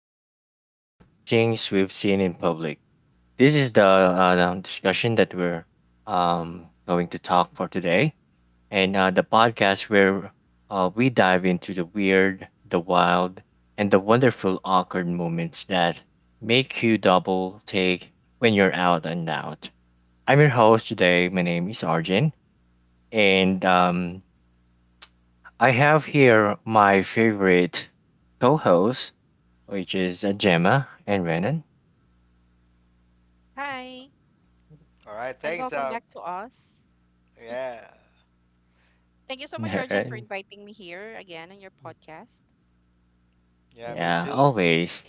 welcome to Stranger Things We've Seen in Public. This is the discussion that we're going to talk for today, and the podcast where we dive into the weird, the wild, and the wonderful awkward moments that make you double take when you're out and out. I'm your host today. My name is Arjun, and I have here my favorite co host which is Gemma and Renan. Hi, All right, and thankswelcome back to us. Yeah, Thank you so much, Arjun, for Alright. inviting me here again on your podcast. yeah, me Yeah, too. always.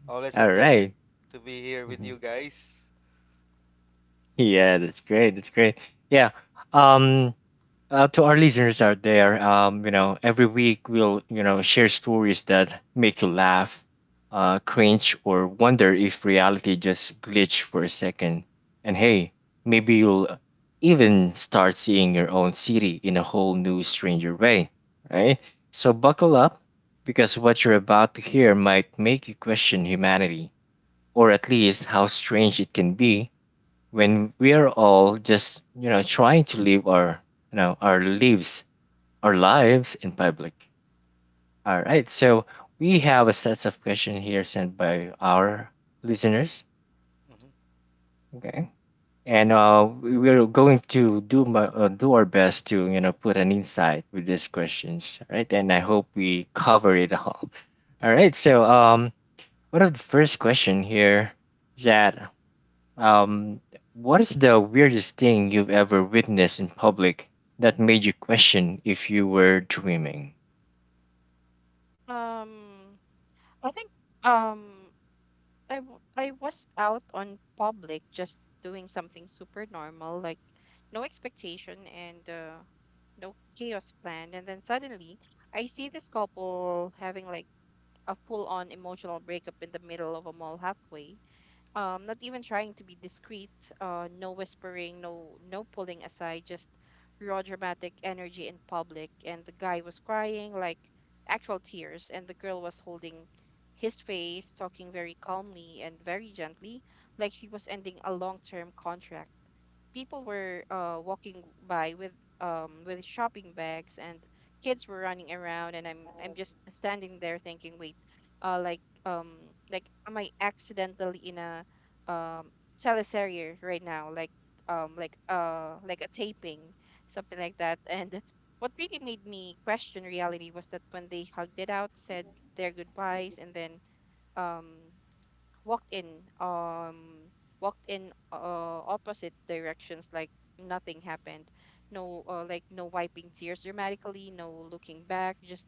Always a All pleasure right. to be here with Mhm. you guys. Yeah, that's great. That's great. Yeah. Um, to our listeners out there, every week we'll, share stories that make you laugh, cringe, or wonder if reality just glitched for a second. And hey, maybe you'll even start seeing your own city in a whole new, stranger way, right? So buckle up, because what you're about to hear might make you question humanity, or at least how strange it can be when we're all just trying to live our you know our lives in public. All right, so we have a set of questions here sent by our listeners. Hmm. Okay, and we're going to do do our best to put an insight with these questions, all right, and I hope we cover it all. All right, so one of the first question here is that Um, what is the weirdest thing you've ever witnessed in public that made you question if you were dreaming? Um, I think, um, I was out on public just doing something super normal, like no expectation and no chaos planned, and then suddenly I see this couple having like a full-on emotional breakup in the middle of a mall halfway. Not even trying to be discreet. No whispering, no pulling aside, just raw dramatic energy in public. And the guy was crying like actual tears, and the girl was holding his face, talking very calmly and very gently, like she was ending a long term contract. People were walking by with shopping bags, and kids were running around, and I'm just standing there thinking, wait, like, like, am I accidentally in a um teleserrier right now, like, like a taping, something like that? And what really made me question reality was that when they hugged it out, said their goodbyes, and then um walked in um walked in opposite directions, like nothing happened. No, like no wiping tears dramatically, no looking back, just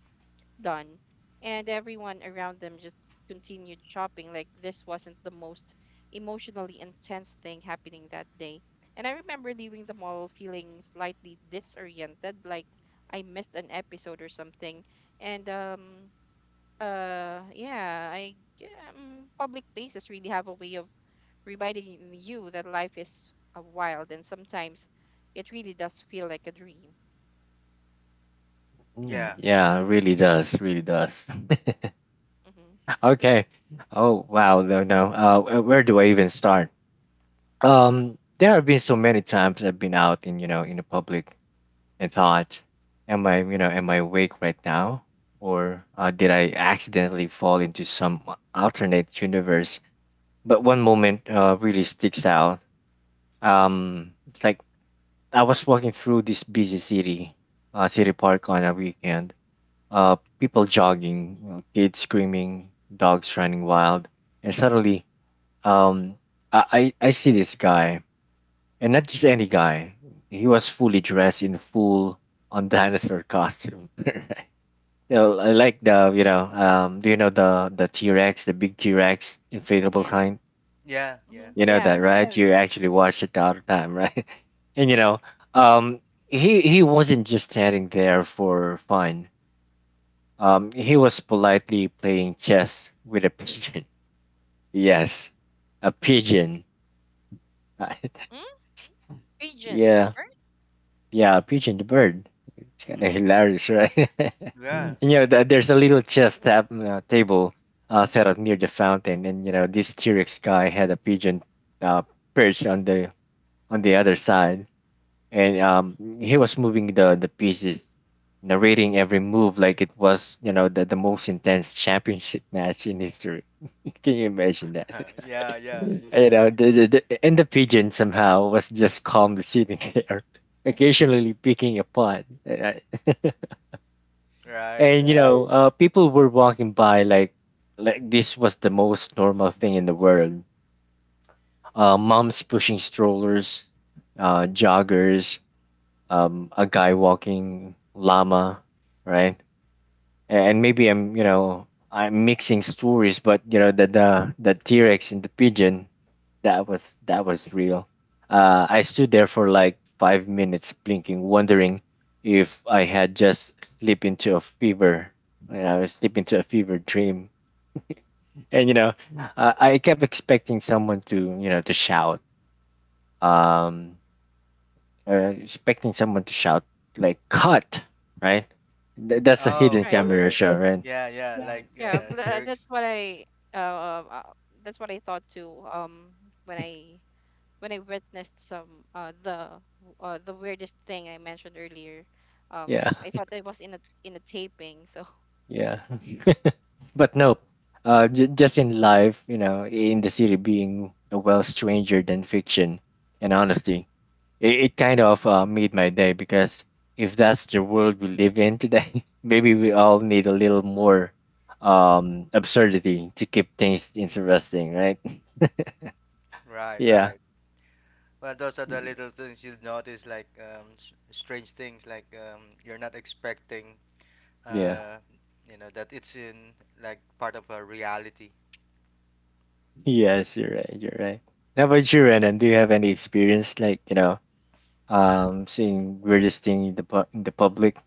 done. And everyone around them just continued shopping, like this wasn't the most emotionally intense thing happening that day. And I remember leaving the mall feeling slightly disoriented, like I missed an episode or something. And yeah, public places really have a way of reminding you that life is wild, and sometimes it really does feel like a dream. Mm, Yeah. yeah, it really does, really does. Mm-hmm. Okay. Oh wow, no, no. Where do I even start? There have been so many times I've been out in in the public and thought, am I am I awake right now, or did I accidentally fall into some alternate universe? But one moment really sticks out. It's like I was walking through this city park on a weekend. People jogging, kids screaming, dogs running wild, and suddenly, um, I see this guy, and not just any guy. He was fully dressed in full on dinosaur costume. Right. You know, I like the do you know the T Rex, the big T Rex inflatable Yeah. Hmm. kind, Yeah. Mm-hmm. Yeah. you know Yeah. that, right? Yeah. You Yes. actually watched it the other time, right? And you know, um, he wasn't just standing there for fun. He was politely playing chess with a pigeon. Yes, a pigeon, right? Mm? Pigeon, the Yeah, bird? yeah, a pigeon, the bird. It's kind of Hmm. hilarious, right? Yeah. And, you know, there's a little table set up near the fountain, and you know, this T-Rex guy had a pigeon uh, perched on the other side, and he was moving the pieces, narrating every move like it was the most intense championship match in history. Can you imagine that? Yeah. Yeah. You know, and the pigeon somehow was just calmly sitting there, occasionally picking a pot. And Right. and, you know, people were walking by like this was the most normal thing in the world. Moms pushing strollers, joggers, a guy walking llama, right? And maybe I'm, you know, I'm mixing stories, but you know, the T Rex and the pigeon, that was real. I stood there for like 5 minutes, blinking, wondering if I had just slipped into a fever. You know, slipped into a fever dream, and you know, I kept expecting someone to, to shout. Um, Expecting someone to shout like "cut," right? That's a Oh. hidden Right. camera show, right? Yeah. Yeah. Yeah, uh, uh uh, that's what I thought too, when I when I witnessed some the weirdest thing I mentioned earlier. Yeah, I thought I was in a taping, so. yeah. But nope. Just in life, you know, in the city, being a well stranger than fiction, and honestly, it kind of made my day because if that's the world we live in today, maybe we all need a little more absurdity to keep things interesting, right? Right. Yeah, Right. Well, those are the Y- little things you notice, like strange things, like you're not expecting. yeah. Uh, you know that it's in like part of a reality. Yes, you're right. You're right. How about you, Renan? Do you have any experience like, you know, seeing weirdest thing in the public?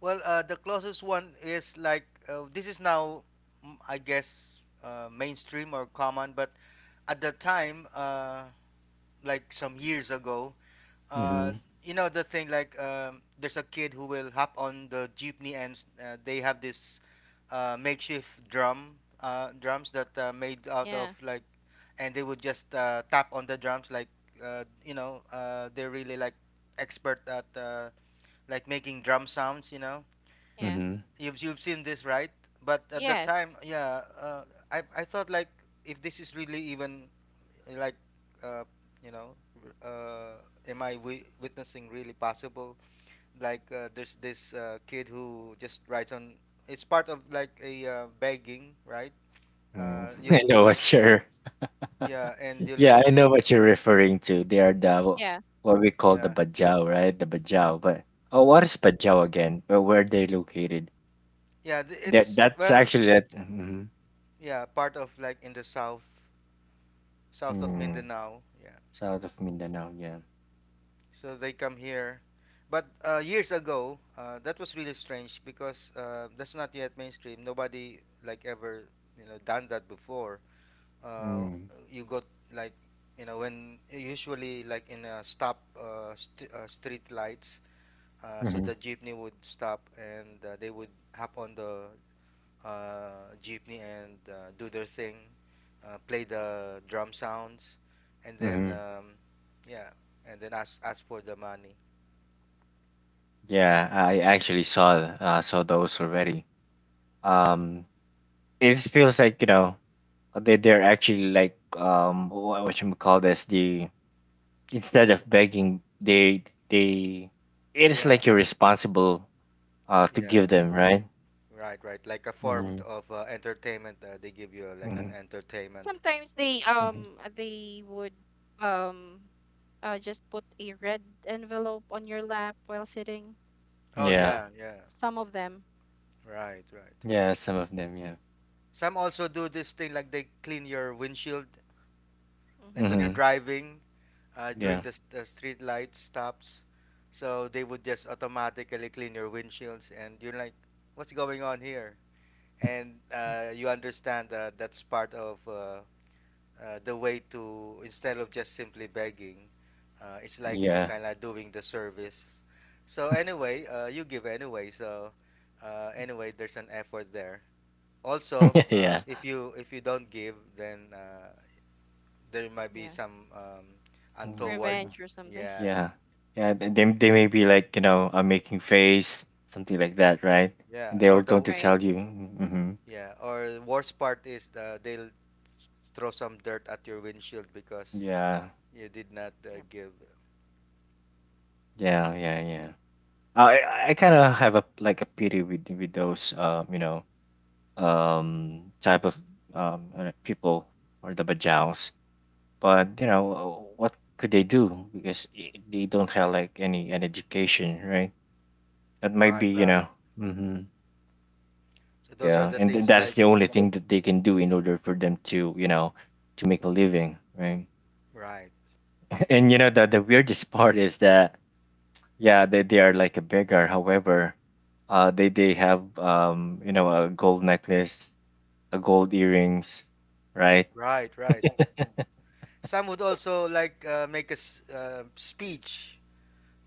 Well, the closest one is like this is now, I guess, mainstream or common, but at the time, like some years ago, uh, Mm-hmm. you know the thing like there's a kid who will hop on the jeepney and they have this makeshift drums that made out of Yeah. like, and they would just tap on the drums like, they're really like expert at like making drum sounds. Yeah. Mm-hmm. You've seen this, right? But at the Yes. time, yeah, I thought like if this is really even like uh, you know, am I witnessing really possible? Like there's this kid who just writes on. It's part of like a begging, right? Mm. I know what You'll you're. Yeah, and you'll Yeah, I know what you're referring to. They are the Yeah. what we call the yeah, bajau, right? The bajau. But oh, what is bajau again? Where are they located? yeah. That It's that's well, actually that. Mm-hmm. yeah, part of like in the south of Mm. Mindanao. Yeah. South of Mindanao. Yeah. So they come here. But years ago, that was really strange because that's not yet mainstream. Nobody like ever done that before. Uh, Mm. you got like you know when usually like in a street lights, so Mm-hmm. the jeepney would stop and they would hop on the jeepney and do their thing, play the drum sounds, and then Mm-hmm. Yeah, and then ask for the money. Yeah, I actually saw saw those already. Um, it feels like you know they're actually like what you call this the instead of begging they it is Yeah, like you're responsible to yeah, give them, right? right, right. Like a form Mm-hmm. of entertainment. They give you like an Hmm. entertainment. Sometimes Hmm. They would um just put a red envelope on your lap while sitting. Oh Yeah. yeah, yeah. Some of them. Right, right. Yeah, some of them, yeah. Some also do this thing like they clean your windshield, like Hmm. when you're Mm-hmm. driving during Yeah. the street light stops. So they would just automatically clean your windshields, and you're like, "What's going on here?" And you understand that that's part of the way to instead of just simply begging, it's like Yeah. Right. kind of doing the service. So anyway, you give anyway, so anyway there's an effort there. Also, Yeah. If you don't give, then there might be Yeah. some Mhm. untoward. Revenge or something. Yeah, Yeah. Yeah they may be like you know making face, something like that, right? And yeah, or they're the going to Right. tell you. Mm. yeah or worst part is, they'll throw some dirt at your windshield because Yeah. you did not Yep. give. Yeah, yeah, yeah. Uh, I I kind of have a like a pity with those you know type of people or the bajaus. But you know what could they do because they don't have like any an education, right? That might Right, be, you right, know. Hmm. so those are Yeah, the and things that's like, the only thing that they can do in order for them to you know to make a living, right? right. And you know the weirdest part is that yeah, they are like a beggar. However, they have you know, a gold necklace, a gold earrings, right? Right, right. Some would also like make a speech,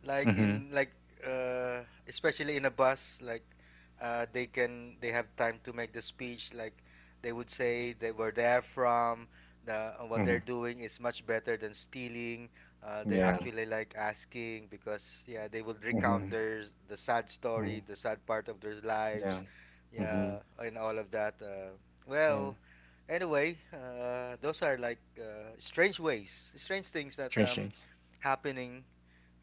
like Mm-hmm. in like uh, especially in a bus, like they have time to make the speech. Like they would say they were there from the what Mm-hmm. they're doing is much better than stealing. They're Yeah. actually like asking because yeah, they would recount Mm-hmm. The sad Mm-hmm. story, the sad part of their lives, Yeah. Mm-hmm. yeah, and all of that. Yeah. Well. Anyway, those are like strange ways, strange things that Strange things. happening.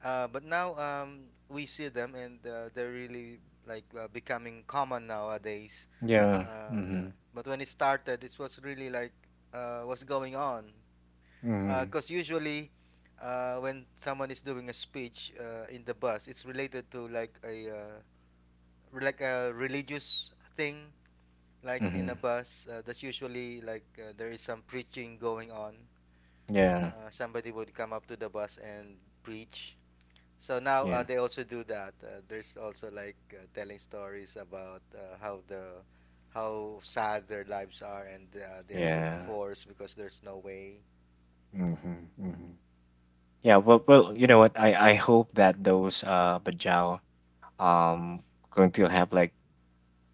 But now, we see them, and they're really like becoming common nowadays. Yeah. Yeah. Mm-hmm. But when it started, it was really like, what's going on? Mm-hmm. Because usually, when someone is doing a speech in the bus, it's related to like a like a religious thing like in Mm-hmm. a bus, that's usually like there is some preaching going on. Yeah. Somebody would come up to the bus and preach. So now, Yeah. they also do that. There's also like telling stories about how sad their lives are, and they are being Yeah. forced because there's no way. Mm-hmm. Mm-hmm. Yeah. Well, well, you know what? I hope that those Bajau um going to have like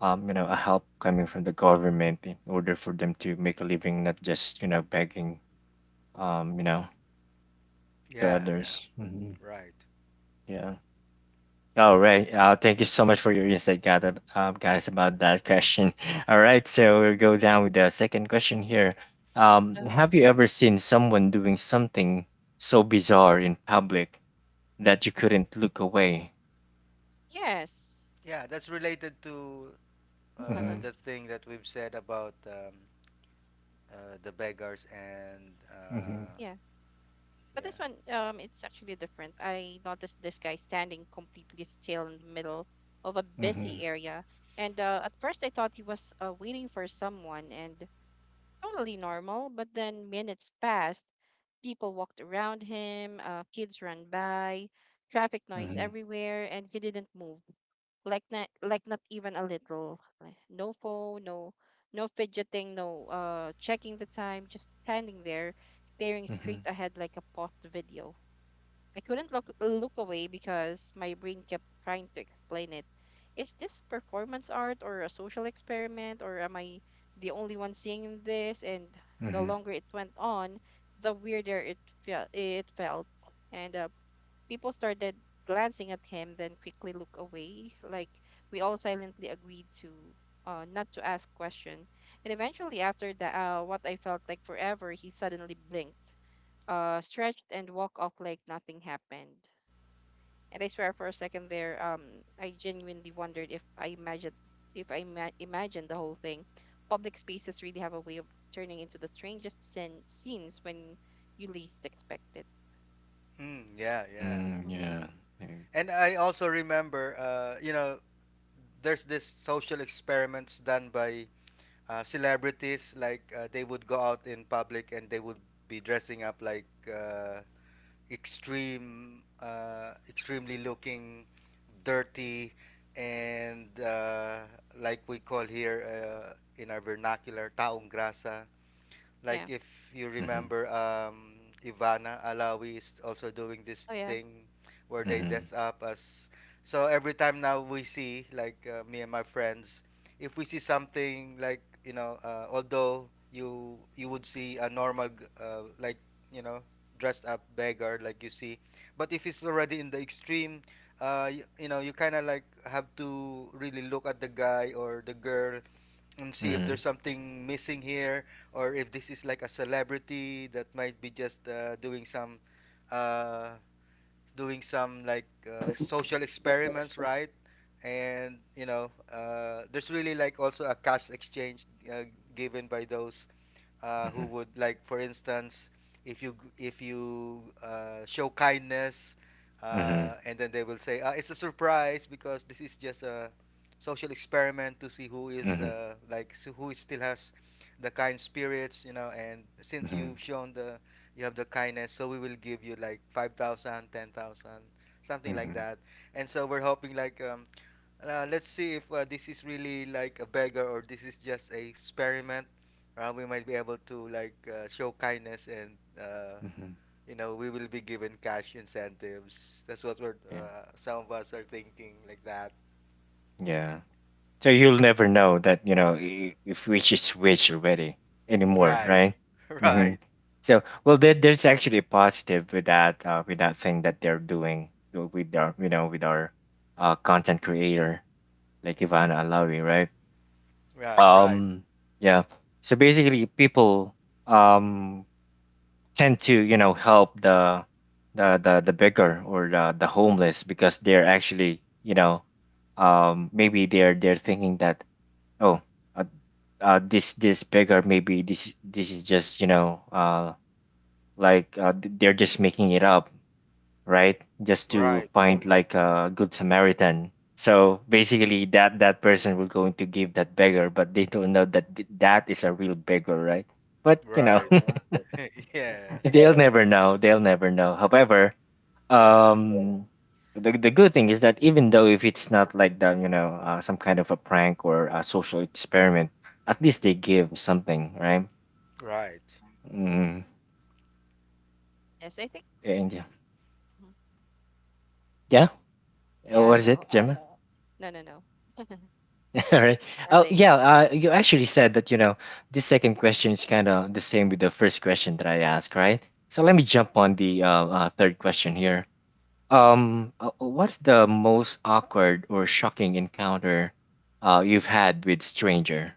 you know, a help coming from the government in order for them to make a living, not just you know begging, you know, to Yeah, yeah, others. Hmm. right. Yeah. All right. Thank you so much for your insight, guys, guys, about that question. All right. So we'll go down with the second question here. Uh, Have you ever seen someone doing something so bizarre in public that you couldn't look away? Yes. Yeah, that's related to Mm-hmm. the thing that we've said about the beggars, and Mm-hmm. Yeah. But yeah. this one, it's actually different. I noticed this guy standing completely still in the middle of a Mm-hmm. busy area. And at first, I thought he was waiting for someone, and totally normal, but then minutes passed. People walked around him, kids ran by, traffic noise Mm-hmm. everywhere, and he didn't move. Like not even a little. Like, no phone, no, no fidgeting, no checking the time, just standing there, staring Mm-hmm. straight ahead like a paused video. I couldn't look away because my brain kept trying to explain it. Is this performance art, or a social experiment, or am I the only one seeing this? And the Mm-hmm. longer it went on, the weirder it felt. It felt, and people started glancing at him, then quickly look away, like we all silently agreed to not to ask question. And eventually, after the, what I felt like forever, he suddenly blinked, stretched, and walked off like nothing happened. And I swear, for a second there, I genuinely wondered if I imagined if I ima- imagined the whole thing. Public spaces really have a way of turning into the strangest scenes when you least expect it. Mm, yeah, yeah. Mm, Hmm. yeah. Mm-hmm. And I also remember, there's this social experiments done by celebrities. Like they would go out in public and they would be dressing up like uh, extremely looking, dirty, and like we call here, uh, in our vernacular, taong grasa. Like Yeah. if you remember, Ivana Alawi is also doing this Oh yeah. thing where they Mhm. dress up as. So every time now we see, like me and my friends, if we see something like, although you would see a normal like you know dressed up beggar like you see, but if it's already in the extreme, you, you know you kind of like have to really look at the guy or the girl and see if Mhm. there's something missing here, or if this is like a celebrity that might be just uh, doing some like social experiments, right? And you know, there's really like also a cash exchange uh, given by those who Mhm. would like, for instance, if you if you show kindness, Mhm. And then they will say, "It's a surprise because this is just a social experiment to see who is Mhm. Like s who is still has the kind spirits, you know. And since you've Mhm. shown the you have the kindness, so we will give you like 5,000, 10,000, something like Mhm. that. And so we're hoping like." Let's see if this is really like a beggar or this is just a experiment, we might be able to like show kindness, and Mhm. you know we will be given cash incentives. That's what we're, Yeah. Some of us are thinking like that, Yeah. So you'll never know that you know if which is which already anymore, right? right? Mhm. Right, So well, there's actually a positive with that thing that they're doing so with our you know with our content creator like Ivana Alawi, right? right, right, Um. Yeah. So basically, people um tend to you know help the beggar or the homeless because they're actually you know maybe they're thinking that oh uh, this this beggar, maybe this is just you know they're just making it up, right, just to right, Hmm. find like a good samaritan. So basically that that person will going to give that beggar but they don't know that that is a real beggar, right? But you know right. Yeah, they'll never know, they'll never know. However, yeah, um the good thing is that even though if it's not like that you know some kind of a prank or a social experiment, at least they give something, right? right. Mm. Yes, I think. And yeah. Mhm. Yeah. Yeah. What is No. it gemma. No. No. No. All right. Oh Nothing. yeah, you actually said that you know this second question is kind of the same with the first question that I asked, right? So let me jump on the third question here. What's the most awkward or shocking encounter you've had with stranger?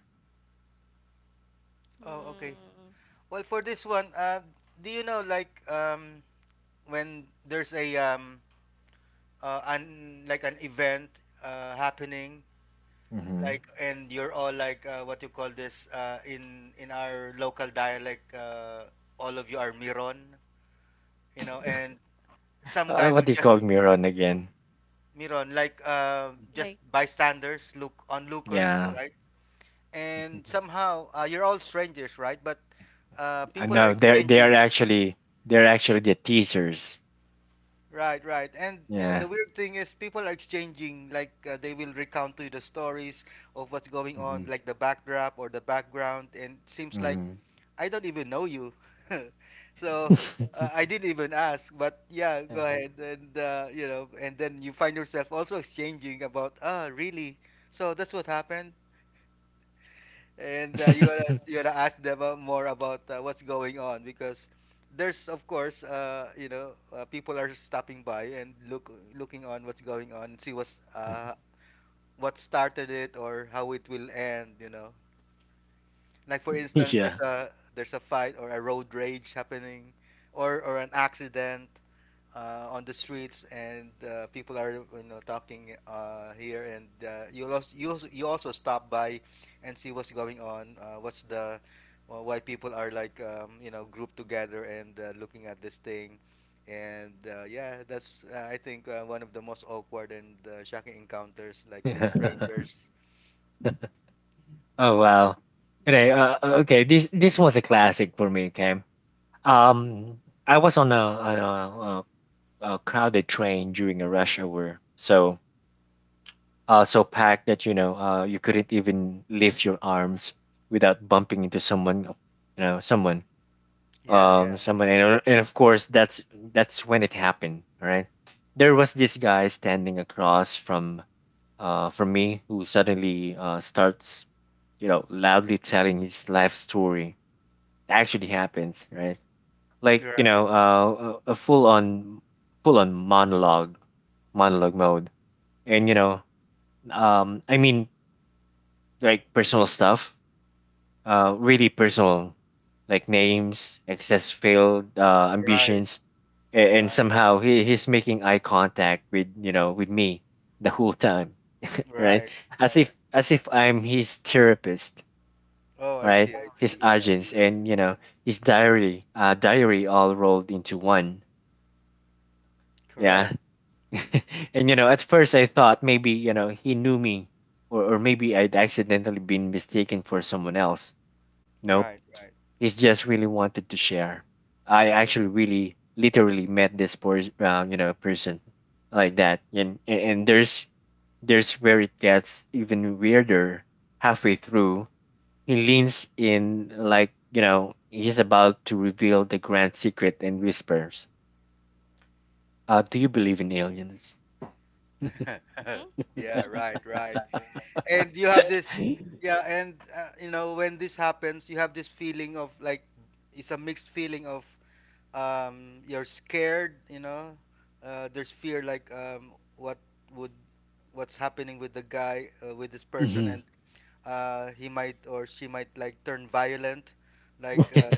Oh, okay. Mm, Well, for this one, do you know like, when there's a an like an event happening, Hmm. like, and you're all like what you call this, in our local dialect, all of you are miron, you know, and some guy What will do you just, call Miron again? miron, like just like. bystanders, look, onlookers, Yeah. right? And somehow, you're all strangers, right? But people are no, they're exchanging. They're actually the teasers. Right, right. And you know, Yeah. the weird thing is people are exchanging like, they will recount to you the stories of what's going on, Mm-hmm. like the backdrop or the background, and seems like Mm-hmm. I don't even know you. So I didn't even ask, but yeah, go Uh-huh. ahead. And and then you find yourself also exchanging about, ah, really? So that's what happened. And you wanna ask them more about what's going on, because there's of course, people are stopping by and looking on what's going on, see what's what started it or how it will end. You know, like for instance, there's Yeah. A fight or a road rage happening, or an accident on the streets, and people are you know talking, here, and you also stop by and see what's going on, what's the why people are like, you know, grouped together, and looking at this thing. And yeah, that's I think one of the most awkward and shocking encounters like with strangers. Oh wow. Okay. Okay. This was a classic for me. Okay. Um, I was on a, a crowded train during a rush hour, so so packed that you know you couldn't even lift your arms without bumping into someone you know someone Yeah, yeah, someone, and of course that's when it happened. All right, there was this guy standing across from me who suddenly starts you know loudly telling his life story. That actually happens, right? Like you right, know a full on full on monologue mode. And you know I mean, like personal stuff, really personal, like names, excess failed right. ambitions, and Right, somehow he's making eye contact with you know with me the whole time, right? right, yeah. As if I'm his therapist, Oh, I see, right? I His see, yeah, agents and his diary all rolled into one, yeah. correct, And at first I thought maybe he knew me, or maybe I'd accidentally been mistaken for someone else. Nope. right, right. It's just really wanted to share. I Yeah. actually really literally met this person, person like that, and and there's where it gets even weirder. Halfway through, he leans in like he's about to reveal the grand secret and whispers, "Do you believe in aliens?" Mm. Yeah, right, right. And you have this, hmm yeah, and you know, when this happens, you have this feeling of like, it's a mixed feeling of, you're scared, you know. There's fear, like, what would what's happening with the guy, with this person? And he might, or she might like turn violent, like,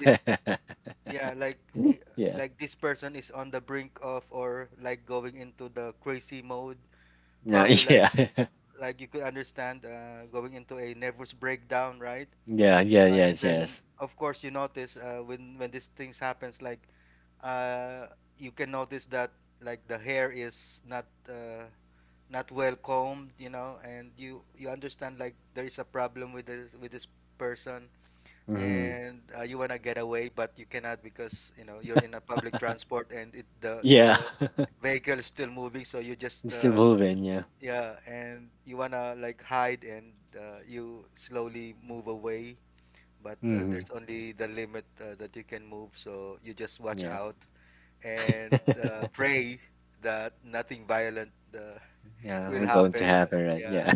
this yeah like he, Yeah. like this person is on the brink of, or like going into the crazy mode, No, probably, like, yeah. You could understand, going into a nervous breakdown, right? Yeah. Yeah. And Yes. then Yes. of course you notice, when these things happens, like, uh, you can notice that like the hair is not, not well combed, you know, and you understand like there is a problem with this person. hmm And you wanna get away, but you cannot because you know you're in a public transport, and it Yeah. the vehicle is still moving, so you just, It's evolving. Yeah. yeah, and you wanna like hide, and you slowly move away, but Mhm. there's only the limit that you can move, so you just watch Yeah. out and pray that nothing violent, Yeah, will we're going to happen. Happen, right? Yeah, Yeah.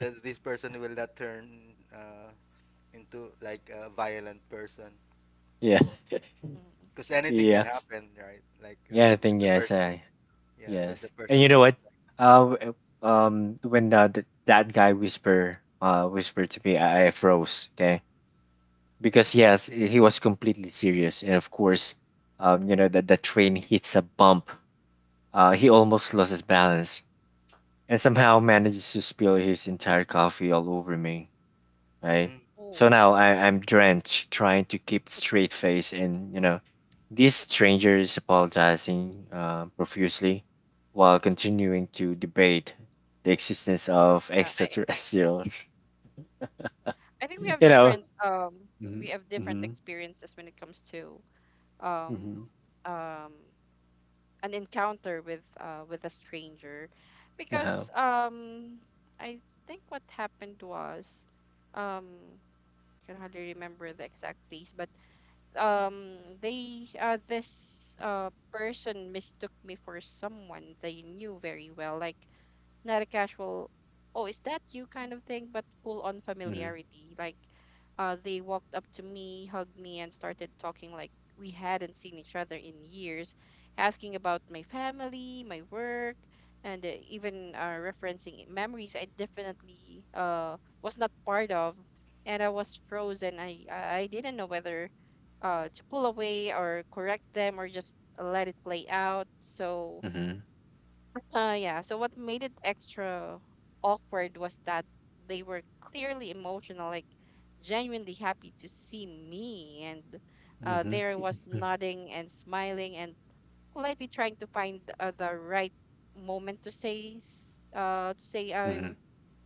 that this person will not turn, into like a violent person, Yeah. Mm. because anything can Yeah. happen, right? Like Yeah, I with think the yes, person, I yeah, when the yes. And you person know is what? Uh, w- when that guy whispered to me, I froze, okay? Because yes, he was completely serious and of course, you know that the train hits a bump. He almost lost his balance and somehow manages to spill his entire coffee all over me. like, Right? mm, So now Oh. I'm drenched trying to keep straight face and you know, these strangers apologizing profusely while continuing to debate the existence of Yeah. I. extraterrestrials. I think we You have know. different. Mhm, We have different mhm, experiences when it comes to um mhm, um an encounter with a stranger, Yeah. because I think what happened was, um I can hardly remember the exact place, but they this person mistook me for someone they knew very well, like not a casual, "oh, is that you?" kind of thing, but full on Mhm, familiarity. Like, they walked up to me, hugged me, and started talking like we hadn't seen each other in years, asking about my family, my work, and even referencing memories I definitely was not part of. And I was frozen. I didn't know whether to pull away, or correct them, or just let it play out. So mhm, yeah. So what made it extra awkward was that they were clearly emotional, like genuinely happy to see me, and mhm, there was nodding and smiling and politely trying to find the right moment to to say, mhm, "I'm, mhm,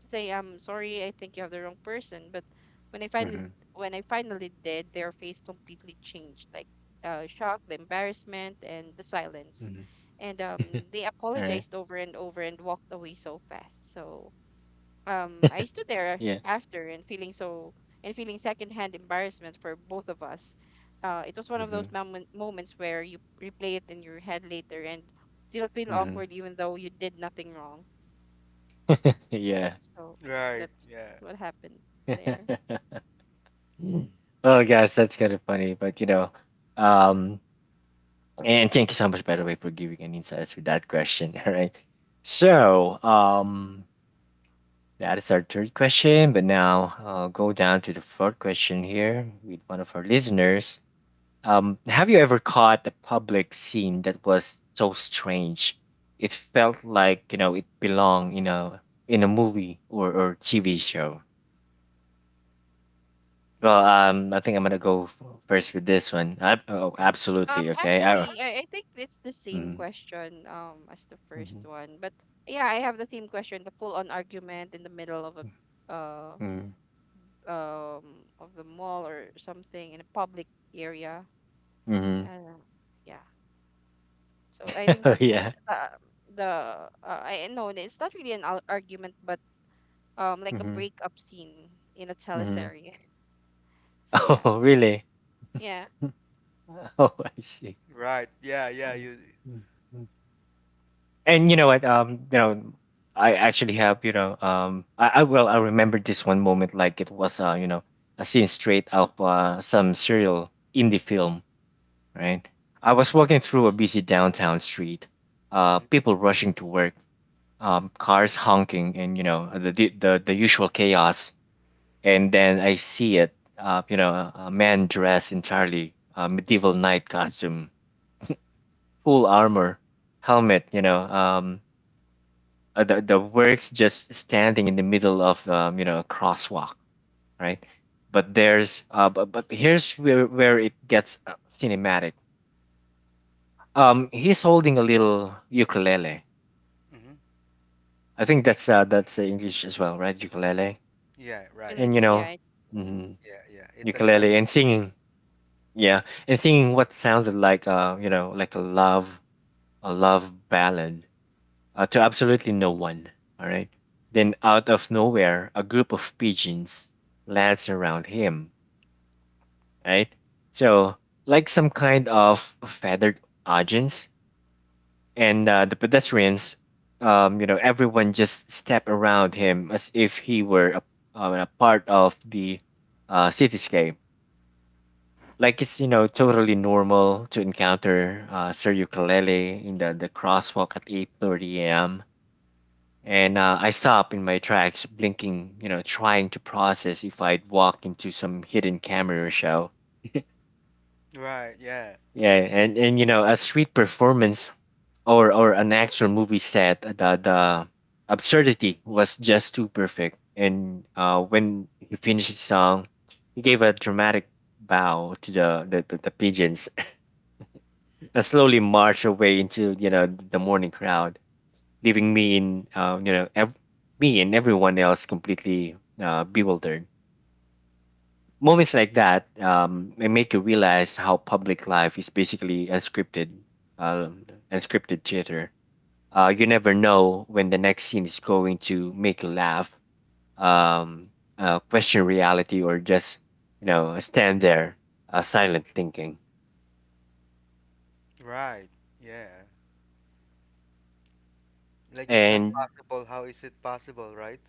say I'm sorry, I think you have the wrong person." But when I finally mhm, when I finally did, their face completely changed, like, shock, the embarrassment, and the silence. mhm. And they All right. apologized over and over and walked away so fast. So I stood there Yeah. after and feeling so, and feeling secondhand embarrassment for both of us. It was one of those Mhm, moments where you replay it in your head later and still feel mhm. awkward even though you did nothing wrong. Yeah. So right, that's yeah. what happened there. Mm. Well, guys, that's kind of funny, but um, and thank you so much, by the way, for giving an insights with that question. All right. So, that is our third question, but now I'll go down to the fourth question here with one of our listeners. Have you ever caught a public scene that was so strange? It felt like, you know, it belonged in a movie or TV show. Well, Mm. I think I'm gonna first with this one. Oh, Okay. absolutely. Okay. I, Actually, I think it's the same mm-hmm. question as the first Mm-hmm. one, but yeah, I have the same question, the full-on argument in the middle of a, uh Mm-hmm, of the mall or something, in a public area. mm-hmm. Uh, yeah. So I think Oh, that one, yeah. uh, the I know it's not really an argument, but like a Mhm, breakup scene in a mhm. teleserie. So yeah, Oh, really? yeah, Oh, I see. Right. Yeah, yeah, Oh, you. mm, mm. And you know what? I actually have, you know, um, I well, I remember this one moment like it was, a scene straight out some serial indie film, right? I was walking through a busy downtown street, Hmm. people rushing to work, cars honking, and you know, the usual chaos. And then I see it, a man dressed entirely medieval knight costume, full armor, helmet, the works just standing in the middle of a crosswalk, right? But but here's where it gets cinematic. He's holding a little ukulele. Hmm. I think that's English as well, right? Ukulele, Yeah, right. and definitely, you know, yeah, it's, mhm, Yeah, yeah. It's ukulele and acceptable. singing Yeah, and singing what sounded like like a love ballad to absolutely no one. All right. Then out of nowhere, a group of pigeons lands around him. Right. So like some kind of feathered audience, and the pedestrians, everyone just step around him as if he were a part of the cityscape. Like it's you know totally normal to encounter Sir Ukulele in the crosswalk at 8:30 a.m. And I stop in my tracks, blinking, you know, trying to process if I'd walk into some hidden camera show. Right, yeah. Yeah, and you know, a street performance or an actual movie set, the absurdity was just too perfect. And when he finished his song, he gave a dramatic bow to the pigeons and Mm, slowly march away into you know the morning crowd, leaving me in me and everyone else completely bewildered. Moments like that they make you realize how public life is basically unscripted, uh, unscripted theater. You never know when the next scene is going to make you laugh, um, question reality, or just you know stand there silent thinking. right. Yeah. Like it's not And possible. How is it possible, right?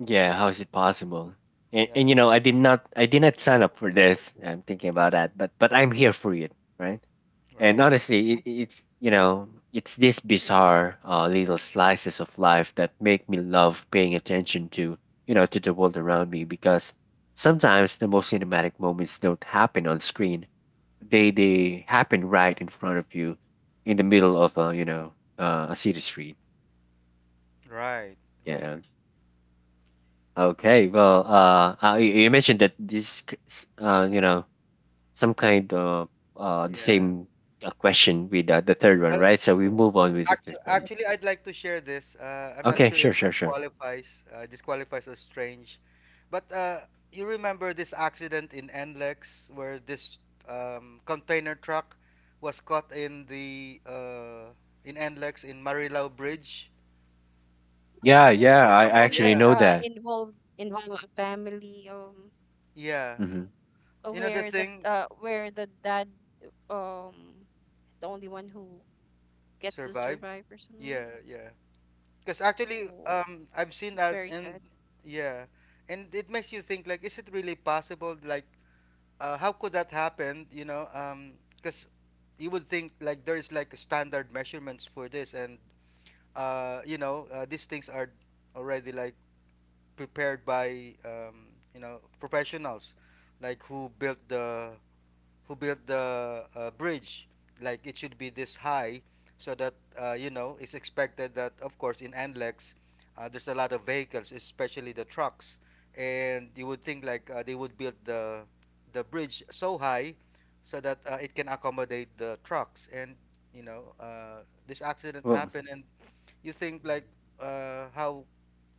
yeah, Like how is it possible? Yeah, And you know, I did not sign up for this. I'm thinking about that, but I'm here for it, right? And right, right. honestly, yeah, it's you know, it's these bizarre little slices of life that make me love paying attention to you know to the world around me because sometimes the most cinematic moments don't happen on screen. They happen right in front of you, in the middle of a you know a city street. Right. right. Yeah, Right. okay. Well, you you mentioned that this, you know, some kind of the Yeah. same question with the third one, Well, right? So we move on with the Actu fifth one. actually, I'd like to share this. I'm not Okay. sure if Sure. Sure. this Sure. qualifies as strange, but you remember this accident in NLEX where this container truck was caught in the in NLEX in Marilao Bridge. Yeah. So it Yeah. was You the I remember? one actually that Yeah, know that. Involved a family, yeah. Hmm. You know the thing where the dad um is the only one who gets to survived. survive or something. Yeah, yeah. Because actually, Oh, I've seen it's that, very and sad. yeah, and it makes you think like, is it really possible? Like how could that happen? You know, because you would think like there's like a standard measurements for this, and you know these things are already like prepared by you know professionals, like who built the bridge. Like it should be this high, so that you know it's expected that of course in Anlex, there's a lot of vehicles, especially the trucks, and you would think like they would build the bridge so high, so that it can accommodate the trucks. And you know this accident Well, happened, and you think like how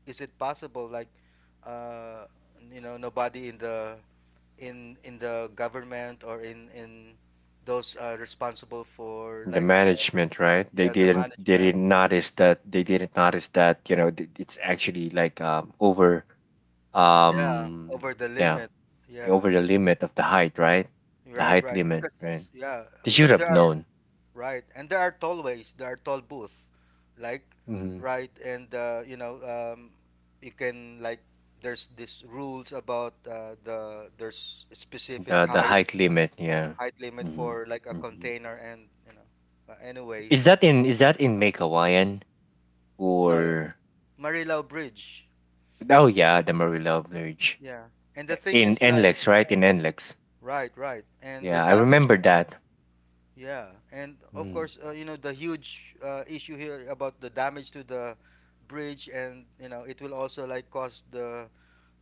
is it possible like uh, you know nobody in the government or in those responsible for the like management, right? They yeah, the didn't. They management, didn't notice that. They didn't notice that. You know, it's actually like over yeah, um over the yeah limit, yeah, over the limit of the height, right? The right, height right, limit, right? because yeah, They should because have there are, known. right, and there are tollways, there are toll booths, like Mm-hmm. right, and you know you can like there's these rules about there's specific The height height limit, yeah. height limit Hmm. for like a Hmm. container, and you know, but anyway, Is that in Make Hawaiian no, yeah, or Marilao Bridge, oh yeah, the Marilla Bridge yeah, and the thing in is like Enlex, right? In Enlex, right, right, and the yeah, I damage to- remember that. yeah, and of Mm. course you know the huge issue here about the damage to the bridge, and you know it will also like cause the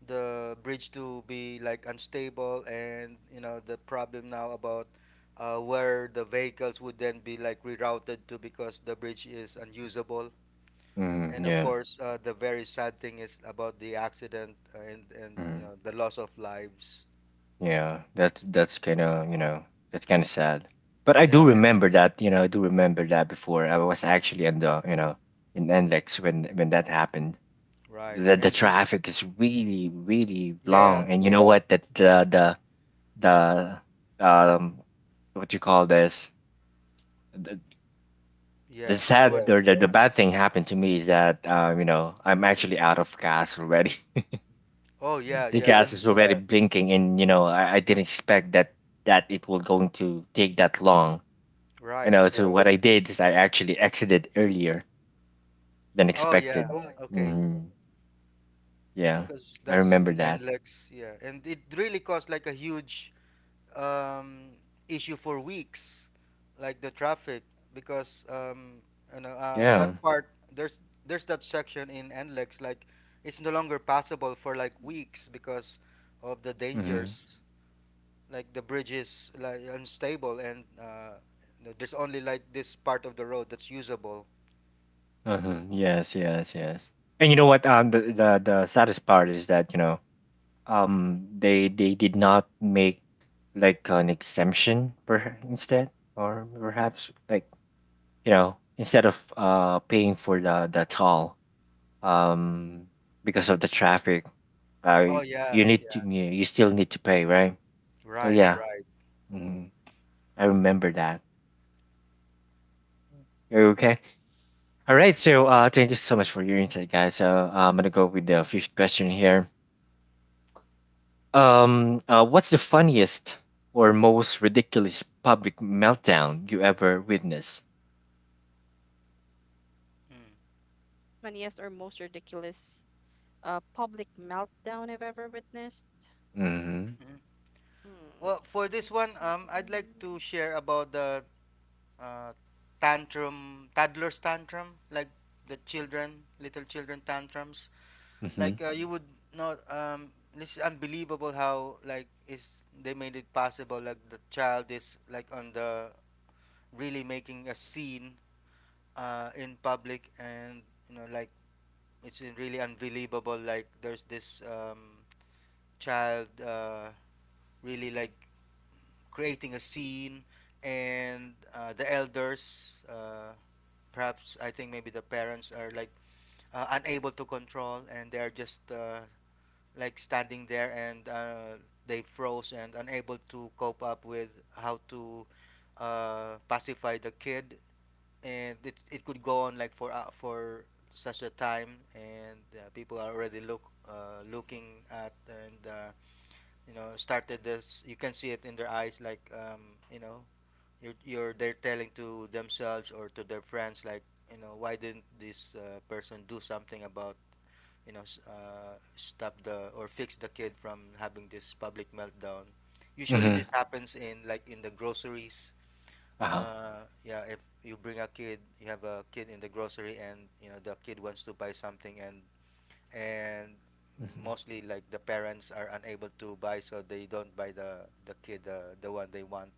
bridge to be like unstable, and you know the problem now about where the vehicles would then be like rerouted to because the bridge is unusable. And Mm, of yeah, course, the very sad thing is about the accident and you mm, know the loss of lives. yeah. That's kind of you know that's kind of sad. But I Yeah, do and remember that you know I do remember that before I was actually in the you know in Enlex when that happened. right, The and you, traffic is really really yeah, long, and you know what? That the um what you call this the, the yeah, there was. sad or the bad thing happened to me is that you know I'm actually out of gas already. Oh yeah, The yeah, gas is already Yeah. blinking, and you know I didn't expect that that it was going to take that long. You right. know, so what I did is I actually exited earlier than Oh expected. yeah, okay, Hmm. Yeah, because I that's remember in that. NLEX. Yeah, and it really caused like a huge um, issue for weeks, like the traffic, because you know that Yeah. part there's that section in NLEX like it's no longer passable for like weeks because of the Hmm. dangers, like the bridge is like unstable and you know, there's only like this part of the road that's usable. Huh. Yes, yes, yes. And you know what? The saddest part is that you know they did not make like an exemption per instead or perhaps like you know instead of paying for the toll um because of the traffic uh Oh you yeah, need to yeah, you still need to pay right so right, yeah right. mhm, I remember that. Okay. All right, so thank you so much for your insight guys, so I'm gonna go with the fifth question here. What's the funniest or most ridiculous public meltdown you ever witnessed? Mm, Funniest or most ridiculous public meltdown I've ever witnessed. Mm-hmm. mhm. Mm. Well, for Mm, this one, mm, I'd mm, like mm. to share about the uh, tantrum, toddlers tantrum, like the children, little children tantrums. Mm-hmm. Like you would not. This is unbelievable how like is they made it possible. Like the child is like on the really making a scene in public, and you know like it's really unbelievable. Like there's this child really like creating a scene, and the elders perhaps I think maybe the parents are like unable to control, and they're just like standing there, and they froze and unable to cope up with how to pacify the kid, and it, could go on like for such a time, and people are already look looking at, and you know started this you can see it in their eyes like you know you're, they're telling to themselves or to their friends like you know why didn't this person do something about you know stop the or fix the kid from having this public meltdown. Usually this Mm-hmm. happens in like in the groceries. Uh-huh. Yeah, if you bring a kid, you have a kid in the grocery, and you know the kid wants to buy something, and and Mm-hmm. mostly like the parents are unable to buy, so they don't buy the kid the one they want,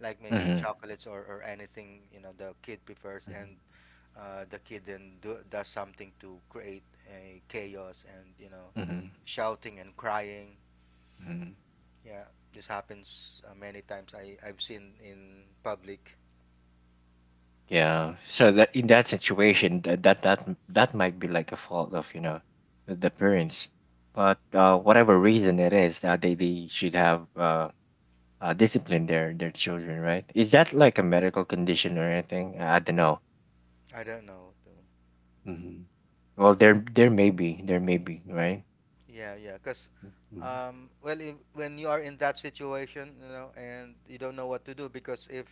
like maybe Mm-hmm. chocolates or anything you know the kid prefers, Mm-hmm. and the kid then do, does something to create a chaos, and you know Mm-hmm. shouting and crying. Mm-hmm. Yeah, this happens many times, I've seen in public. Yeah. So that in that situation, that might be like a fault of you know the parents, but whatever reason it is, they should have disciplined their children, right? Is that like a medical condition or anything? I don't know. I don't know though. Mm-hmm. Well, there may be, right? Yeah, yeah, because Mhm. Well if, when you are in that situation, you know, and you don't know what to do, because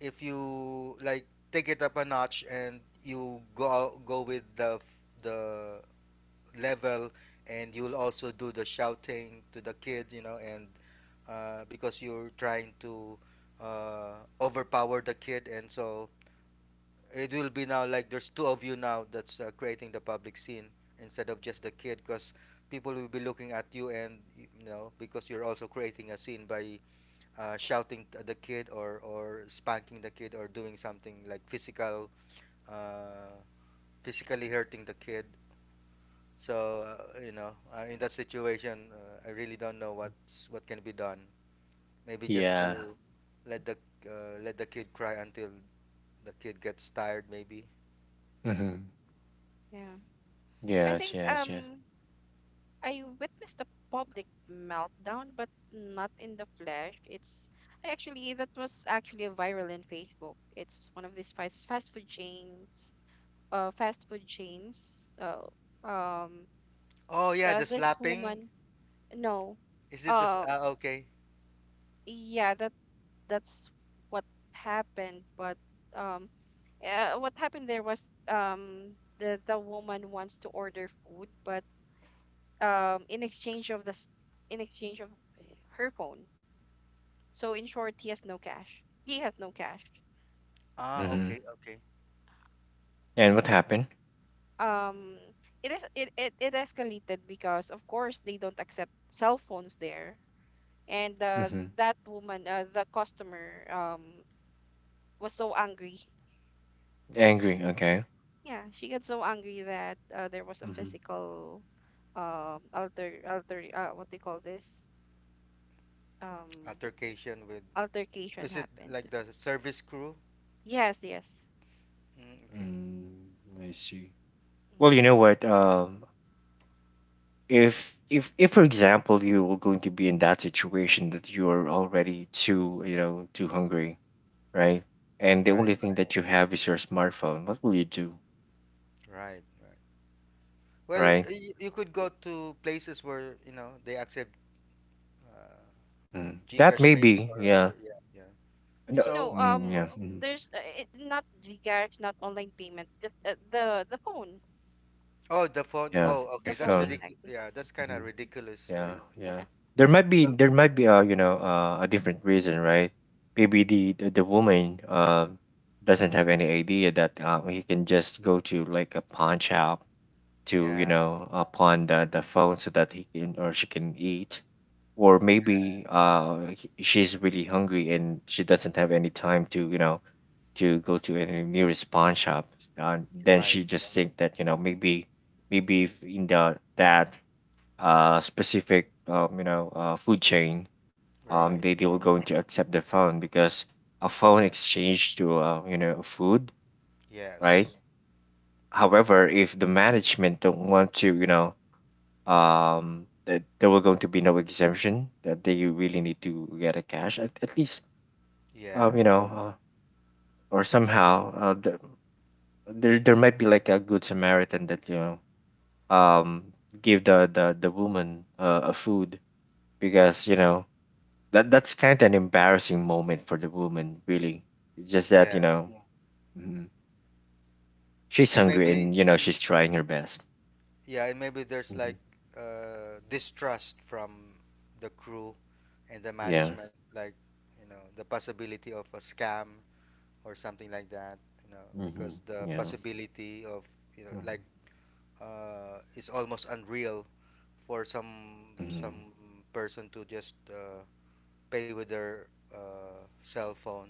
if you like take it up a notch and you go out, go with the the level, and you'll also do the shouting to the kids, you know, and because you're trying to uh, overpower the kid, and so it will be now like there's two of you now that's creating the public scene instead of just the kid, because people will be looking at you, and you know because you're also creating a scene by shouting at the kid, or spanking the kid, or doing something like physical uh, physically hurting the kid. So you know, in that situation, I really don't know what's what can be done. Maybe just Yeah. to let the let the kid cry until the kid gets tired, maybe. Mm-hmm. Yeah. I Yes, think yes, yes. I witnessed a public meltdown, but not in the flesh. It's, I actually, that was actually viral in Facebook. It's one of these fast food chains. Fast food chains. Um, Oh yeah, the this slapping. woman. No. Is it this? Um. Ah, okay. Yeah. That that's what happened. But um, what happened there was, the woman wants to order food, but in exchange of this in exchange of her phone. So in short, he has no cash. He has no cash. Ah, Mm-hmm. okay, okay. And what happened? Um, it is, it escalated because of course they don't accept cell phones there, and Mm-hmm. that woman, the customer, was so angry. Angry. Okay. Yeah, she got so angry that there was a Mhm. physical, alter alter what they call this, um, Altercation with. altercation Is it happened. like the service crew? Yes, yes. Mm, okay. Mm, I see. Well, Mhm. you know what? If for example you were going to be in that situation that you're already too you know too hungry, right? And the Right, only thing that you have is your smartphone. What will you do, right, right. Well, right? you could go to places where you know they accept uh, Mm. That GCash may payment be, or other. yeah. Yeah, yeah. No, So. No, mm, yeah, Mhm. there's, not GCash, not online payment, just, Oh, the phone. Yeah. Oh, The okay. the That's phone phone. ridiculous. exactly. Yeah, that's kind of Mhm. ridiculous, right? Yeah, yeah. Yeah. Because- There might be a you know a different reason, right? Maybe the woman doesn't have any idea that he can just go to like a pawn shop to you yeah, know pawn the phone so that he can or she can eat, or maybe she's really hungry and she doesn't have any time to you know to go to any nearest pawn shop. Then right, she just think that you know maybe maybe if in the that specific you know food chain, right. They will going to accept the phone because a phone exchange to you know food, right? Yes. However, if the management don't want to, you know, that there were going to be no exemption that they really need to get a cash at least, Yeah, um, you know, uh, or somehow there there might be like a good Samaritan that you know um give the woman a food because you know that that's kind of an embarrassing moment for the woman, really. It's just that you yeah. know, yeah. Mhm, she's And hungry and maybe, you know she's trying her best. yeah, and maybe there's Hmm. like distrust from the crew and the Yeah. management, like, you know, the possibility of a scam or something like that, you know, Hmm. because the Yeah. possibility of, you know, like, Hmm. It's almost unreal for Hmm. some person to just pay with their cell phone,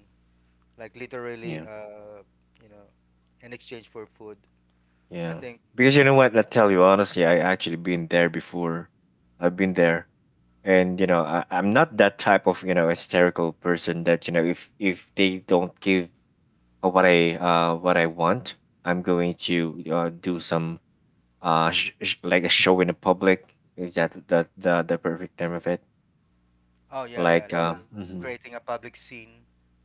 like literally, Yeah. You know, in exchange for food. I Yeah. think, Because you know yeah. what? I tell you honestly, I actually been there before. I've been there, and you know, I'm not that type of you know hysterical person that you know if they don't give what I want. I'm going to do some like a show in the public. Is that the perfect term of it? Oh, yeah, yeah, like like um mhm. creating a public scene.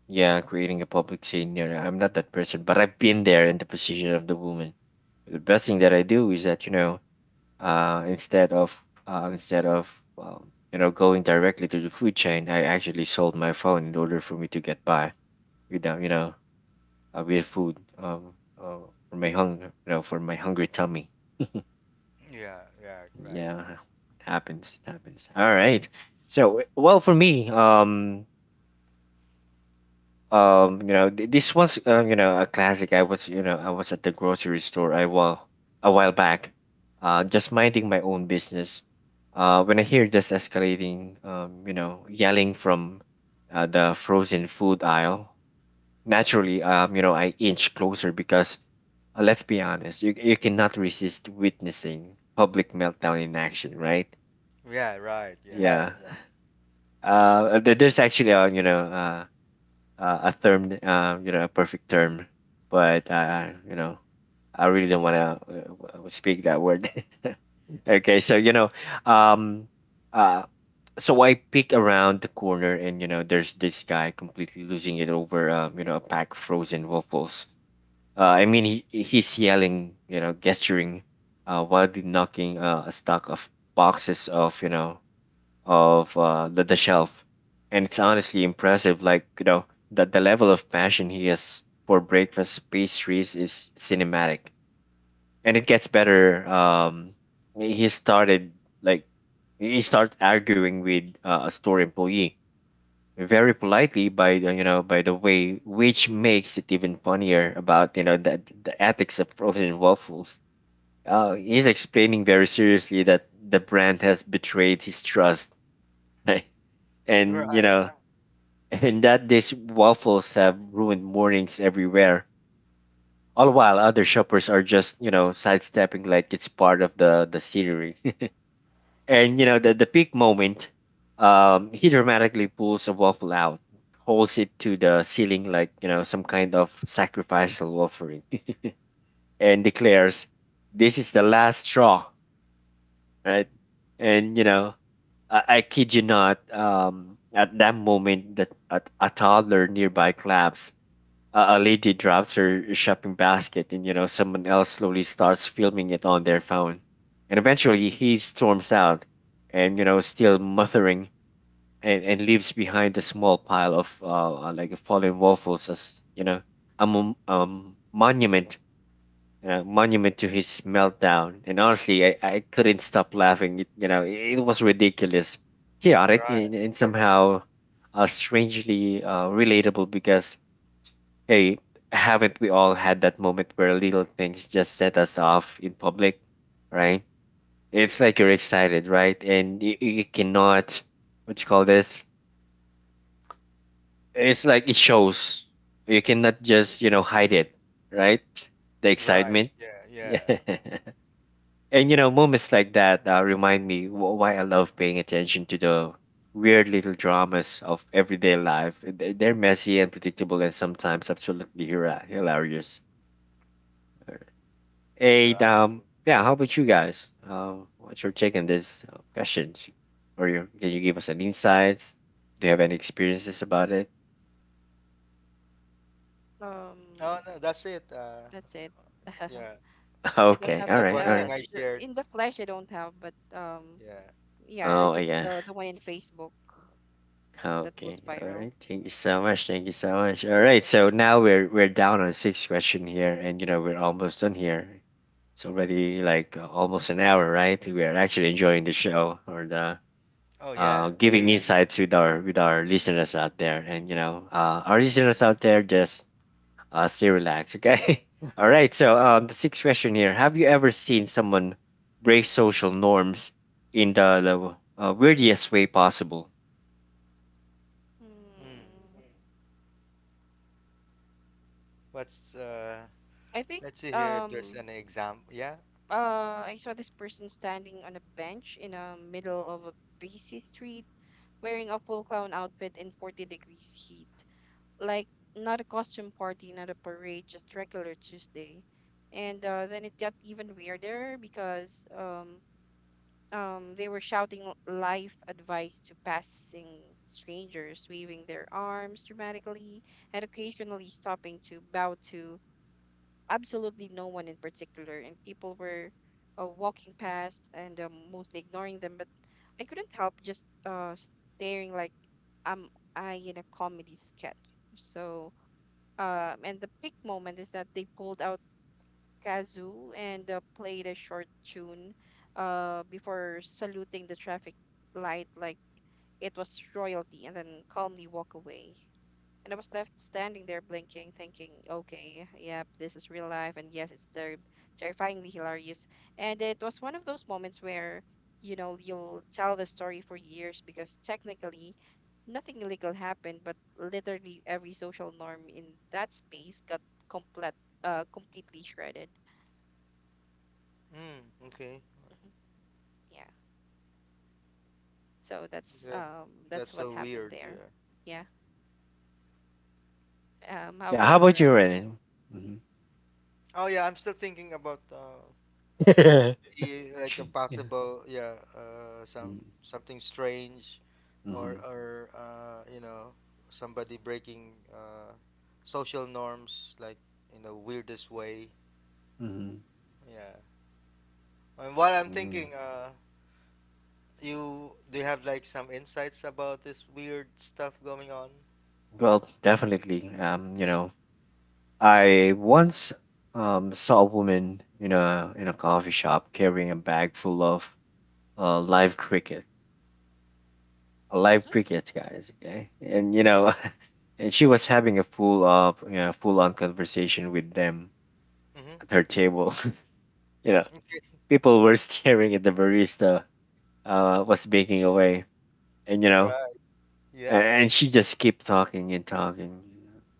Yeah, creating a public scene, you know, I'm not that person. But I've been there, in the position of the woman. The best thing that I do is that, you know, uh instead of instead of you know, going directly to the food chain, I actually sold my phone in order for me to get by without, you know, with food for my hunger, you know, for my hungry tummy. Yeah, yeah, right. Yeah, it happens. It happens. All right. So, well, for me, you know, this was, you know, a classic. I was at the grocery store I while a while back, just minding my own business. When I hear this escalating, you know, yelling from the frozen food aisle. Naturally, you know, I inch closer because, let's be honest, you cannot resist witnessing public meltdown in action, right? Yeah, right, yeah. Yeah. There's actually a, you know, a term, you know, a perfect term. But you know, I really don't want to speak that word. Okay, so you know, um, uh, so I peek around the corner, and you know, there's this guy completely losing it over, you know, a pack of frozen waffles. I mean, he's yelling, you know, gesturing, wildly knocking a stack of boxes of, you know, of the shelf. And it's honestly impressive. Like, you know, that the level of passion he has for breakfast pastries is cinematic. And it gets better. He started, like, he starts arguing with a store employee, very politely by the, you know, by the way, which makes it even funnier, about, you know, the ethics of frozen waffles. He's explaining very seriously that the brand has betrayed his trust. Yeah. And you Right, know, and that these waffles have ruined mornings everywhere. All while other shoppers are just, you know, sidestepping, like it's part of the scenery. And you know, the peak moment, he dramatically pulls a waffle out, holds it to the ceiling like, you know, some kind of sacrificial offering, and declares, "This is the last straw." Right? And you know, I kid you not, at that moment, that a toddler nearby claps, a lady drops her shopping basket, and you know, someone else slowly starts filming it on their phone. And eventually he storms out, and you know, still muttering, and leaves behind a small pile of like fallen waffles, as you know, a mon- um, monument monument to his meltdown. And honestly, I couldn't stop laughing. It, you know It was ridiculous, chaotic, right, and somehow strangely relatable, because hey, haven't we all had that moment where little things just set us off in public, right? It's like you're excited, right? And you cannot — what you call this? It's like it shows. You cannot just, you know, hide it, right? The right. excitement. Yeah, Yeah. yeah, And, you know, moments like that remind me why I love paying attention to the weird little dramas of everyday life. They're messy and predictable and sometimes absolutely hilarious. And right. Yeah, how about you guys? What's your take on this questions? Or can you give us an insights? Do you have any experiences about it? Oh, Um, no, that's it. That's th- it. yeah, I don't Okay, have, all that right, one all thing right. I shared. in the flesh. I don't have, but Yeah. yeah, I Oh just, yeah. The one in Facebook that Okay, goes all viral. right. Thank you so much. Thank you so much. All right, so now we're down on sixth question here, and you know, we're almost done here. It's already like almost an hour, right? We are actually enjoying the show, or the Oh, yeah. Giving insights with our listeners out there. And you know, our listeners out there, just stay relaxed, okay? All right. So the sixth question here: Have you ever seen someone break social norms in the weirdest way possible? Hmm. Mm, What's, I think let's see here if there's um any example. Yeah. I saw this person standing on a bench in the middle of a busy street, wearing a full clown outfit in 40 degrees heat. Like, not a costume party, not a parade, just regular Tuesday. And then it got even weirder because they were shouting life advice to passing strangers, waving their arms dramatically and occasionally stopping to bow to absolutely no one in particular. And people were walking past and mostly ignoring them. But I couldn't help just staring, like, am I in a comedy sketch? So, and the big moment is that they pulled out kazoo and played a short tune before saluting the traffic light like it was royalty, and then calmly walk away. And I was left standing there blinking, thinking, okay, yep, this is real life. And yes, it's terrifyingly hilarious. And it was one of those moments where, you know, you'll tell the story for years because technically nothing illegal happened, but literally every social norm in that space got complete, completely shredded. Hmm. Okay. Mhm. Yeah. So That that's that's what so happened weird, there. yeah. Yeah. How Yeah. about How you, about you, Renan? Renan? Hmm. Oh yeah, I'm still thinking about what would be like a Yeah. possible, yeah, some Mm-hmm. something strange or you know somebody breaking social norms like in the weirdest way. Mm-hmm. Yeah. And while I'm Mm. thinking, you do you have like some insights about this weird stuff going on? Well, definitely. You know, I once saw a woman in a coffee shop carrying a bag full of live cricket, live crickets, guys. Okay, and you know, and she was having a full up, you know, full on conversation with them Mm-hmm. at her table. You know, Okay. people were staring at the barista was baking away, and you know, Right. Yeah. and she just kept talking and talking,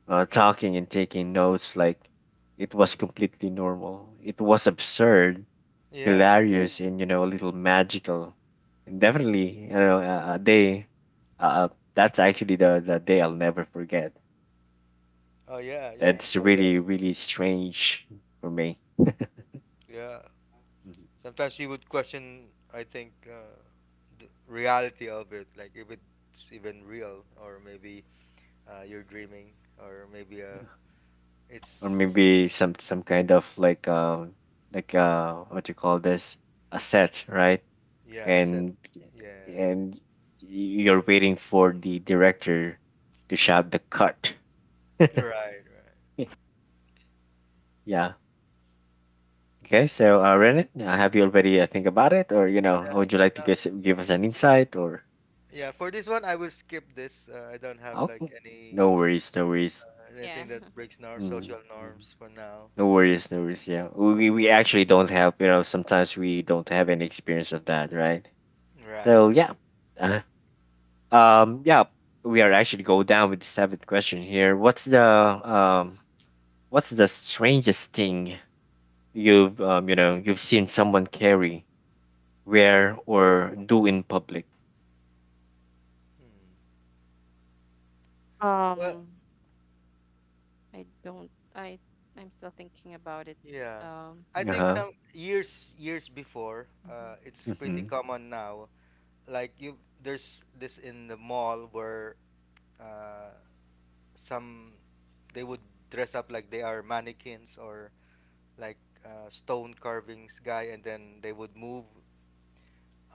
talking and taking notes like it was completely normal. It was absurd, Yeah. hilarious, and you know, a little magical, and definitely, you know, a day. uh, that's actually the day I'll never forget. Oh yeah. Yeah. That's really, really strange for me. Yeah. Mhm. Sometimes she would question, I think, the reality of it like if it's even real, or maybe you're dreaming, or maybe Or it's maybe some kind of, like, like, what you call this? A set, right? yeah, I said. and Yeah, and you're waiting for the director to shout the cut. right, right. Yeah. Okay, so Renit, have you already think about it? Or you know, would you like to Yeah. Give us an insight, or— Yeah, for this one I will skip this, I don't have like Okay, no any worries, no worries. Anything Yeah. that breaks nor Mm, social yeah. norms for now. No worries, no worries. Yeah, we actually don't have, you know, sometimes we don't have any experience of that, right? Right. So yeah, uh, yeah, we are actually go down with the seventh question here. What's the strangest thing you know, you've seen someone carry, wear, or do in public? Hmm. Well Um, I don't. I'm still thinking about it. yeah, Um. I Uh think huh. some years years before, Mhm. It's pretty Mhm. common now, like you, there's this in the mall where uh, some they would dress up like they are mannequins or like stone carvings guy, and then they would move.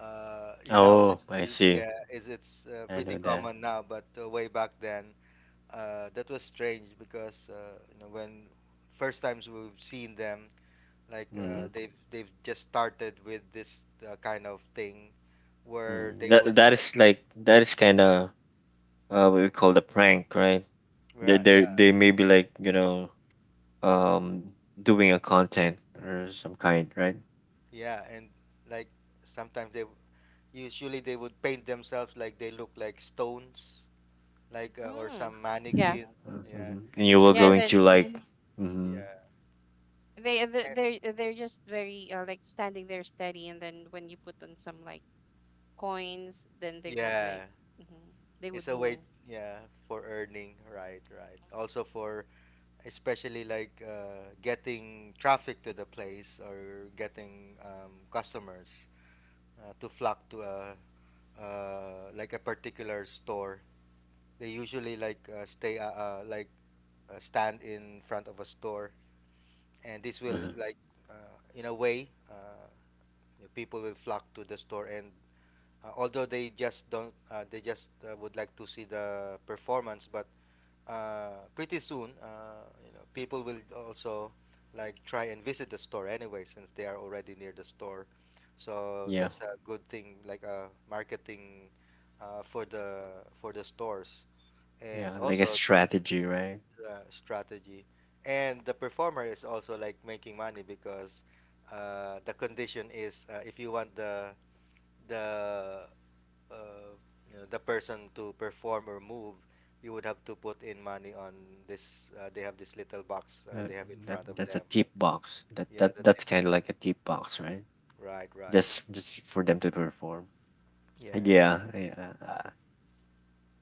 You know, Oh, I see. yeah, it's I pretty know that. common now, but way back then that was strange, because you know when first times we've seen them like Mm, they've just started with this kind of thing where mm. they would That like is like that is kind of what we call the prank, right? They yeah, they yeah. they may be, like, you know, um doing a content or some kind, right? Yeah, and like sometimes they usually they would paint themselves like they look like stones, like or Mm. some Yeah. mannequin. Yeah, Mm-hmm. And you and were Yeah. then And going to, then like, mm-hmm, yeah, and they're just very, like standing there steady, and then when you put on some like coins, then they would, yeah, like, mhm, they it's would a way, move. yeah, for earning. Right, right. Also for especially like getting traffic to the place or getting customers to flock to a like a particular store. They usually like stay like stand in front of a store, and this will uh like uh, in a way you know, people will flock to the store, and although they just don't they just would like to see the performance, but pretty soon you know people will also like try and visit the store anyway since they are already near the store, so yeah, that's a good thing, like a marketing for the stores, and yeah, like a also strategy, right? the strategy, and the performer is also like making money because the condition is if you want the the uh, you know, the person to perform or move, you would have to put in money on this they have this little box Uh, they have in that front of that's a them. tip box. That Yeah, that the that's tip, kind of like a tip box, right? right, right, Just for them to perform. yeah, Yeah, yeah.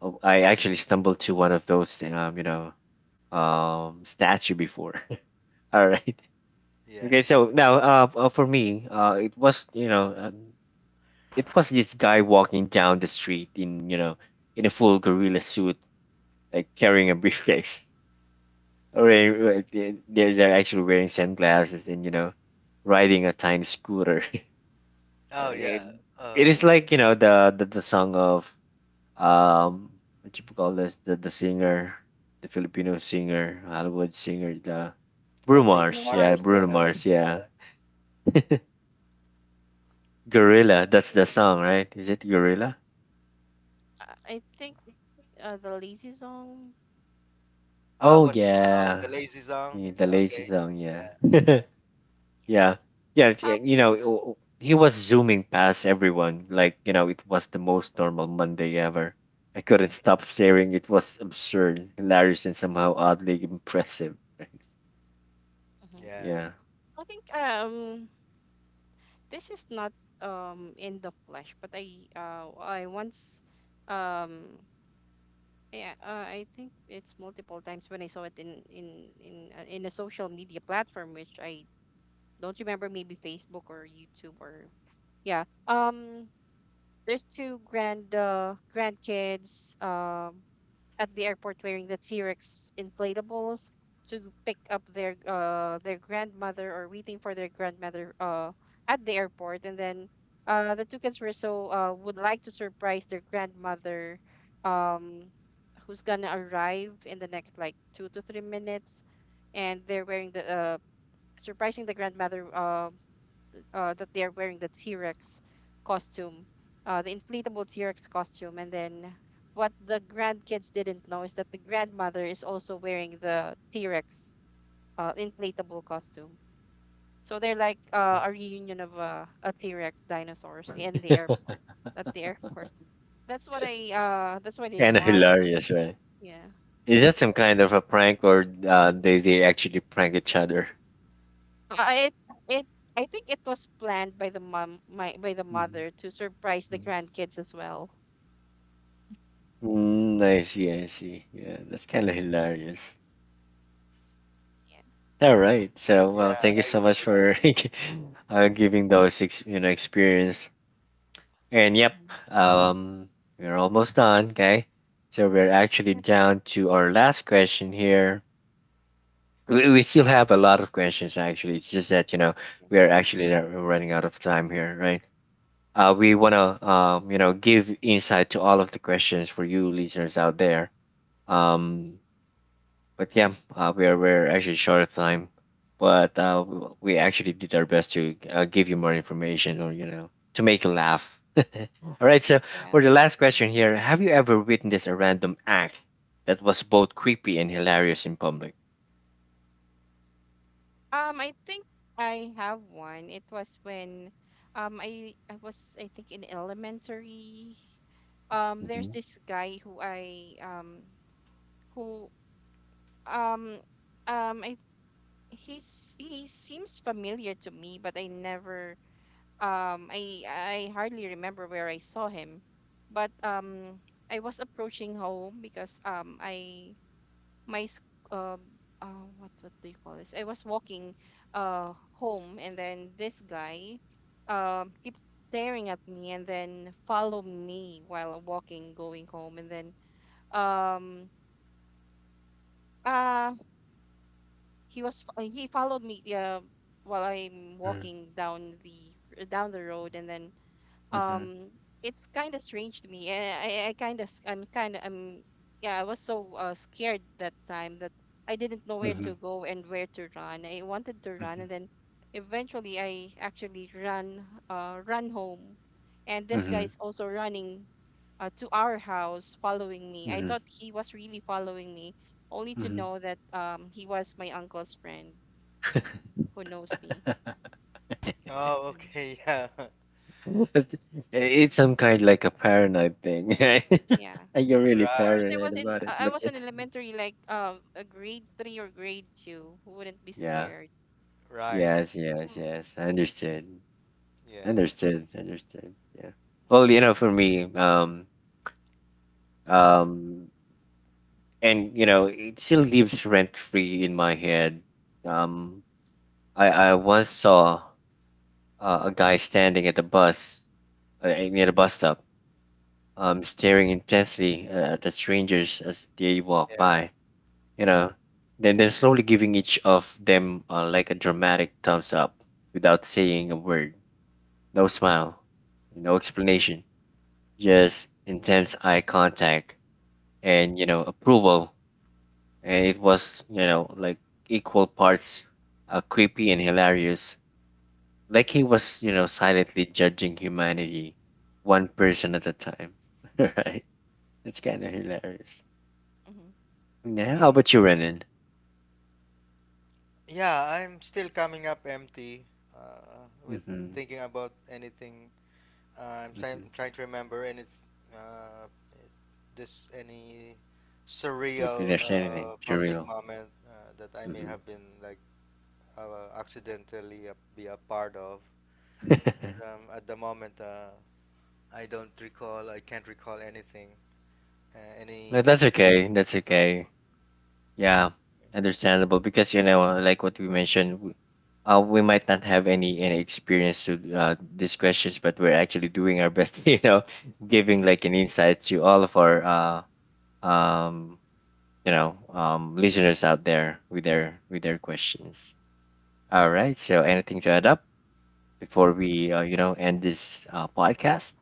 Oh, I actually stumbled to one of those, you know, statue before. All right. yeah. Okay. So now, for me, it was this guy walking down the street in, you know, in a full gorilla suit, like carrying a briefcase. Or they're actually wearing sunglasses and, you know, riding a tiny scooter. Uh, Oh it, yeah. it uh is like, you know, the song of um what you call this? The singer, the Filipino singer, Hollywood singer, the oh, Bruno Bruno No Mars. Yeah, Mars, Mars. Bruno yeah. Mars. Yeah. Gorilla, that's the song, right? Is it Gorilla? I think, the lazy song. Ah, Oh what? Oh, yeah. the lazy song. Yeah, the lazy Okay. song. Yeah. Yeah. Yeah. Yes. Yeah, you Um. know, he was zooming past everyone like, you know, it was the most normal Monday ever. I couldn't Mhm. stop staring. It was absurd, hilarious, and somehow oddly impressive. Mhm. Yeah. Yeah. I think this is not in the flesh, but I once, um yeah, I think it's multiple times when I saw it in, in a social media platform, which I don't remember, maybe Facebook or YouTube or yeah. There's two grandkids. At the airport, wearing the T-Rex inflatables to pick up their grandmother, or waiting for their grandmother at the airport, and then the two kids were so, would like to surprise their grandmother, um who's gonna arrive in the next like 2 to 3 minutes, and they're wearing the, surprising the grandmother that they are wearing the T-Rex costume, the inflatable T-Rex costume. And then what the grandkids didn't know is that the grandmother is also wearing the T-Rex, inflatable costume. So they're like, a reunion of, a T-Rex dinosaurs in the airport, at the airport. That's what I Kind of watched. hilarious, right? Yeah. Is that some kind of a prank, or they actually prank each other? Uh, it it I think it was planned by the mom my by the Mhm, mother to surprise the mhm. grandkids as well. Mm, I see, I see. Yeah, that's kind of hilarious. Yeah. All right. So, Yeah, well, thank you I so would much agree. for giving those ex you know, experience. And yep, Mhm. um, we're almost done, okay? So we're actually Yep. down to our last question here. We still have a lot of questions, actually. It's just that you know, we are Yes. actually running out of time here, right? We want to, you know, give insight to all of the questions for you listeners out there. Um, but yeah, we're actually short of time, but we actually did our best to give you more information, or you know, to make you laugh. All right, so Yeah. for the last question here: Have you ever witnessed a random act that was both creepy and hilarious in public? I think I have one. It was when I was, I think, in elementary. There's Mm-hmm. this guy who um I he's he seems familiar to me, but I never, I hardly remember where I saw him. But I was approaching home because my s- um what do you call this? I was walking home, and then this guy keeps staring at me and then follow me while walking going home, and then um uh he followed me, while I'm walking down the road, and then Mm-hmm. um it's kind of strange to me, and I kind of I'm yeah, I was so scared that time that I didn't know where Mm-hmm. to go and where to run. I wanted to run, and then eventually I actually ran, run home, and this guy Mm-hmm. is also running to our house following me. I thought Mm-hmm. he was really following me, only to Mm-hmm. know that he was my uncle's friend who knows me. Oh, Mm. okay, yeah. But it's some kind like a paranoid thing, right? Yeah, You're really Right, course, paranoid about it, I but was in elementary, like a grade 3 or grade 2. Who wouldn't be yeah, scared? right. yeah, yes, yes, Oh, yes. I understood, Yeah, understood, understood. Yeah. yeah. Well, you know, for me, um, and you know, it still lives rent free in my head. Um, I once saw a guy standing at the bus near the bus stop, staring intensely at the strangers as they walk yeah. by, you know, then slowly giving each of them like a dramatic thumbs up, without saying a word, no smile, no explanation, just intense eye contact, and you know, approval. And it was, you know, like equal parts creepy and hilarious, like he was, you know, silently judging humanity one person at a time. Right? It's kind of hilarious. Hmm. Yeah, how about Mm. you, Renan? Yeah, I'm still coming up empty with Mm-hmm, thinking about anything. I'm mm-hmm. trying to remember any uh, this any If surreal there's anything, it's public real. moment that I may Hmm. have been like accidentally a, be a part of. At the moment, I don't recall. I can't recall anything. No, Any that's okay. That's such, okay. Yeah, understandable, because you know, like what we mentioned, we might not have any experience to these questions, but we're actually doing our best. You know, giving like an insight to all of our uh um you know, listeners out there with their questions. All right. So, anything to add up before we you know, end this podcast?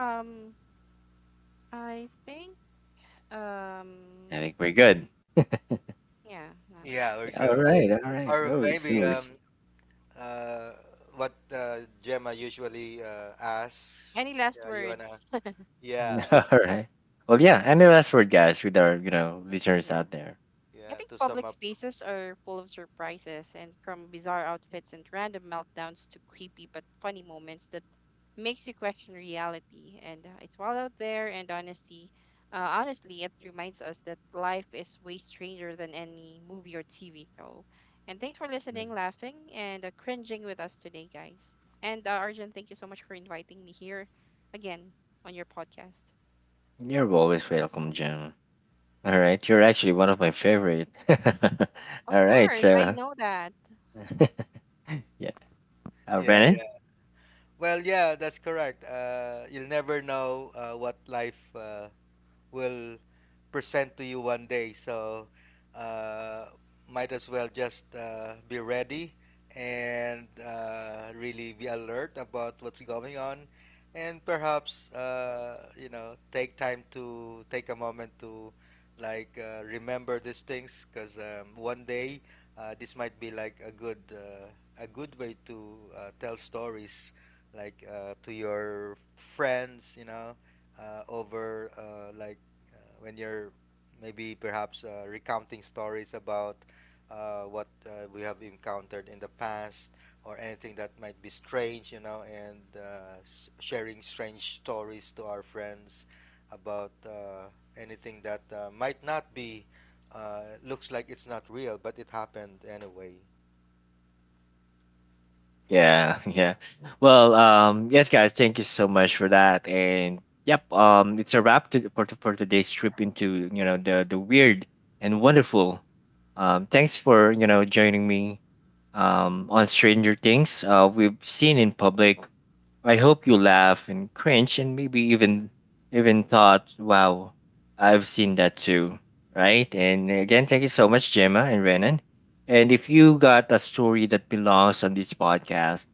Um, I think I um think we're good. yeah. Not. yeah, we're Yeah, all good. right. All right. Or No worries. maybe No worries. Uh what Gemma usually asks. Any last Yeah, you wanna. words? Yeah, All right. Well, yeah. Any last word, guys, with our, you know, listeners out there? I yeah. think To sum public up. spaces are full of surprises, and from bizarre outfits and random meltdowns to creepy but funny moments that makes you question reality. And it's wild out there, and honestly, honestly it reminds us that life is way stranger than any movie or TV show. And thanks for Mhm. listening, laughing, and cringing with us today, guys. And Arjun, thank you so much for inviting me here again on your podcast. You're always welcome, Jim. All right. You're actually one of my favorite. Of All right. course, I So, know that. yeah. Yeah, Brennan. yeah. Well, yeah, that's correct. You'll never know what life will present to you one day. So uh, might as well just be ready, and really be alert about what's going on, and perhaps you know take time to take a moment to like remember these things, because one day this might be like a good way to tell stories like to your friends, you know, over like when you're maybe perhaps recounting stories about what we have encountered in the past, or anything that might be strange, you know, and sharing strange stories to our friends about anything that might not be, looks like it's not real, but it happened anyway. Yeah. Yeah. Well, yes, guys. Thank you so much for that. And yep. It's a wrap to, for today's trip into, you know, the weird and wonderful. Thanks for, you know, joining me on Stranger Things. We've seen in public. I hope you laugh and cringe and maybe even thought, wow, I've seen that too. Right? And again, thank you so much, Gemma and Renan. And if you got a story that belongs on this podcast,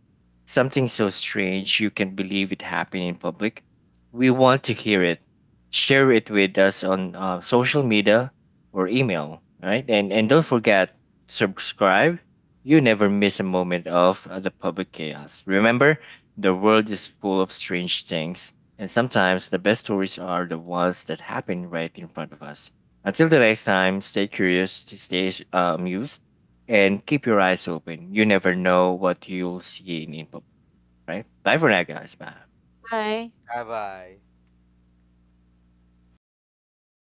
something so strange you can believe it happened in public, we want to hear it. Share it with us on social media or email. Right? And don't forget, subscribe. You never miss a moment of the public chaos. Remember, the world is full of strange things, and sometimes the best stories are the ones that happen right in front of us. Until the next time, stay curious, stay amused, and keep your eyes open. You never know what you'll see in info, right? Bye for now, guys. Bye. Bye. Have I?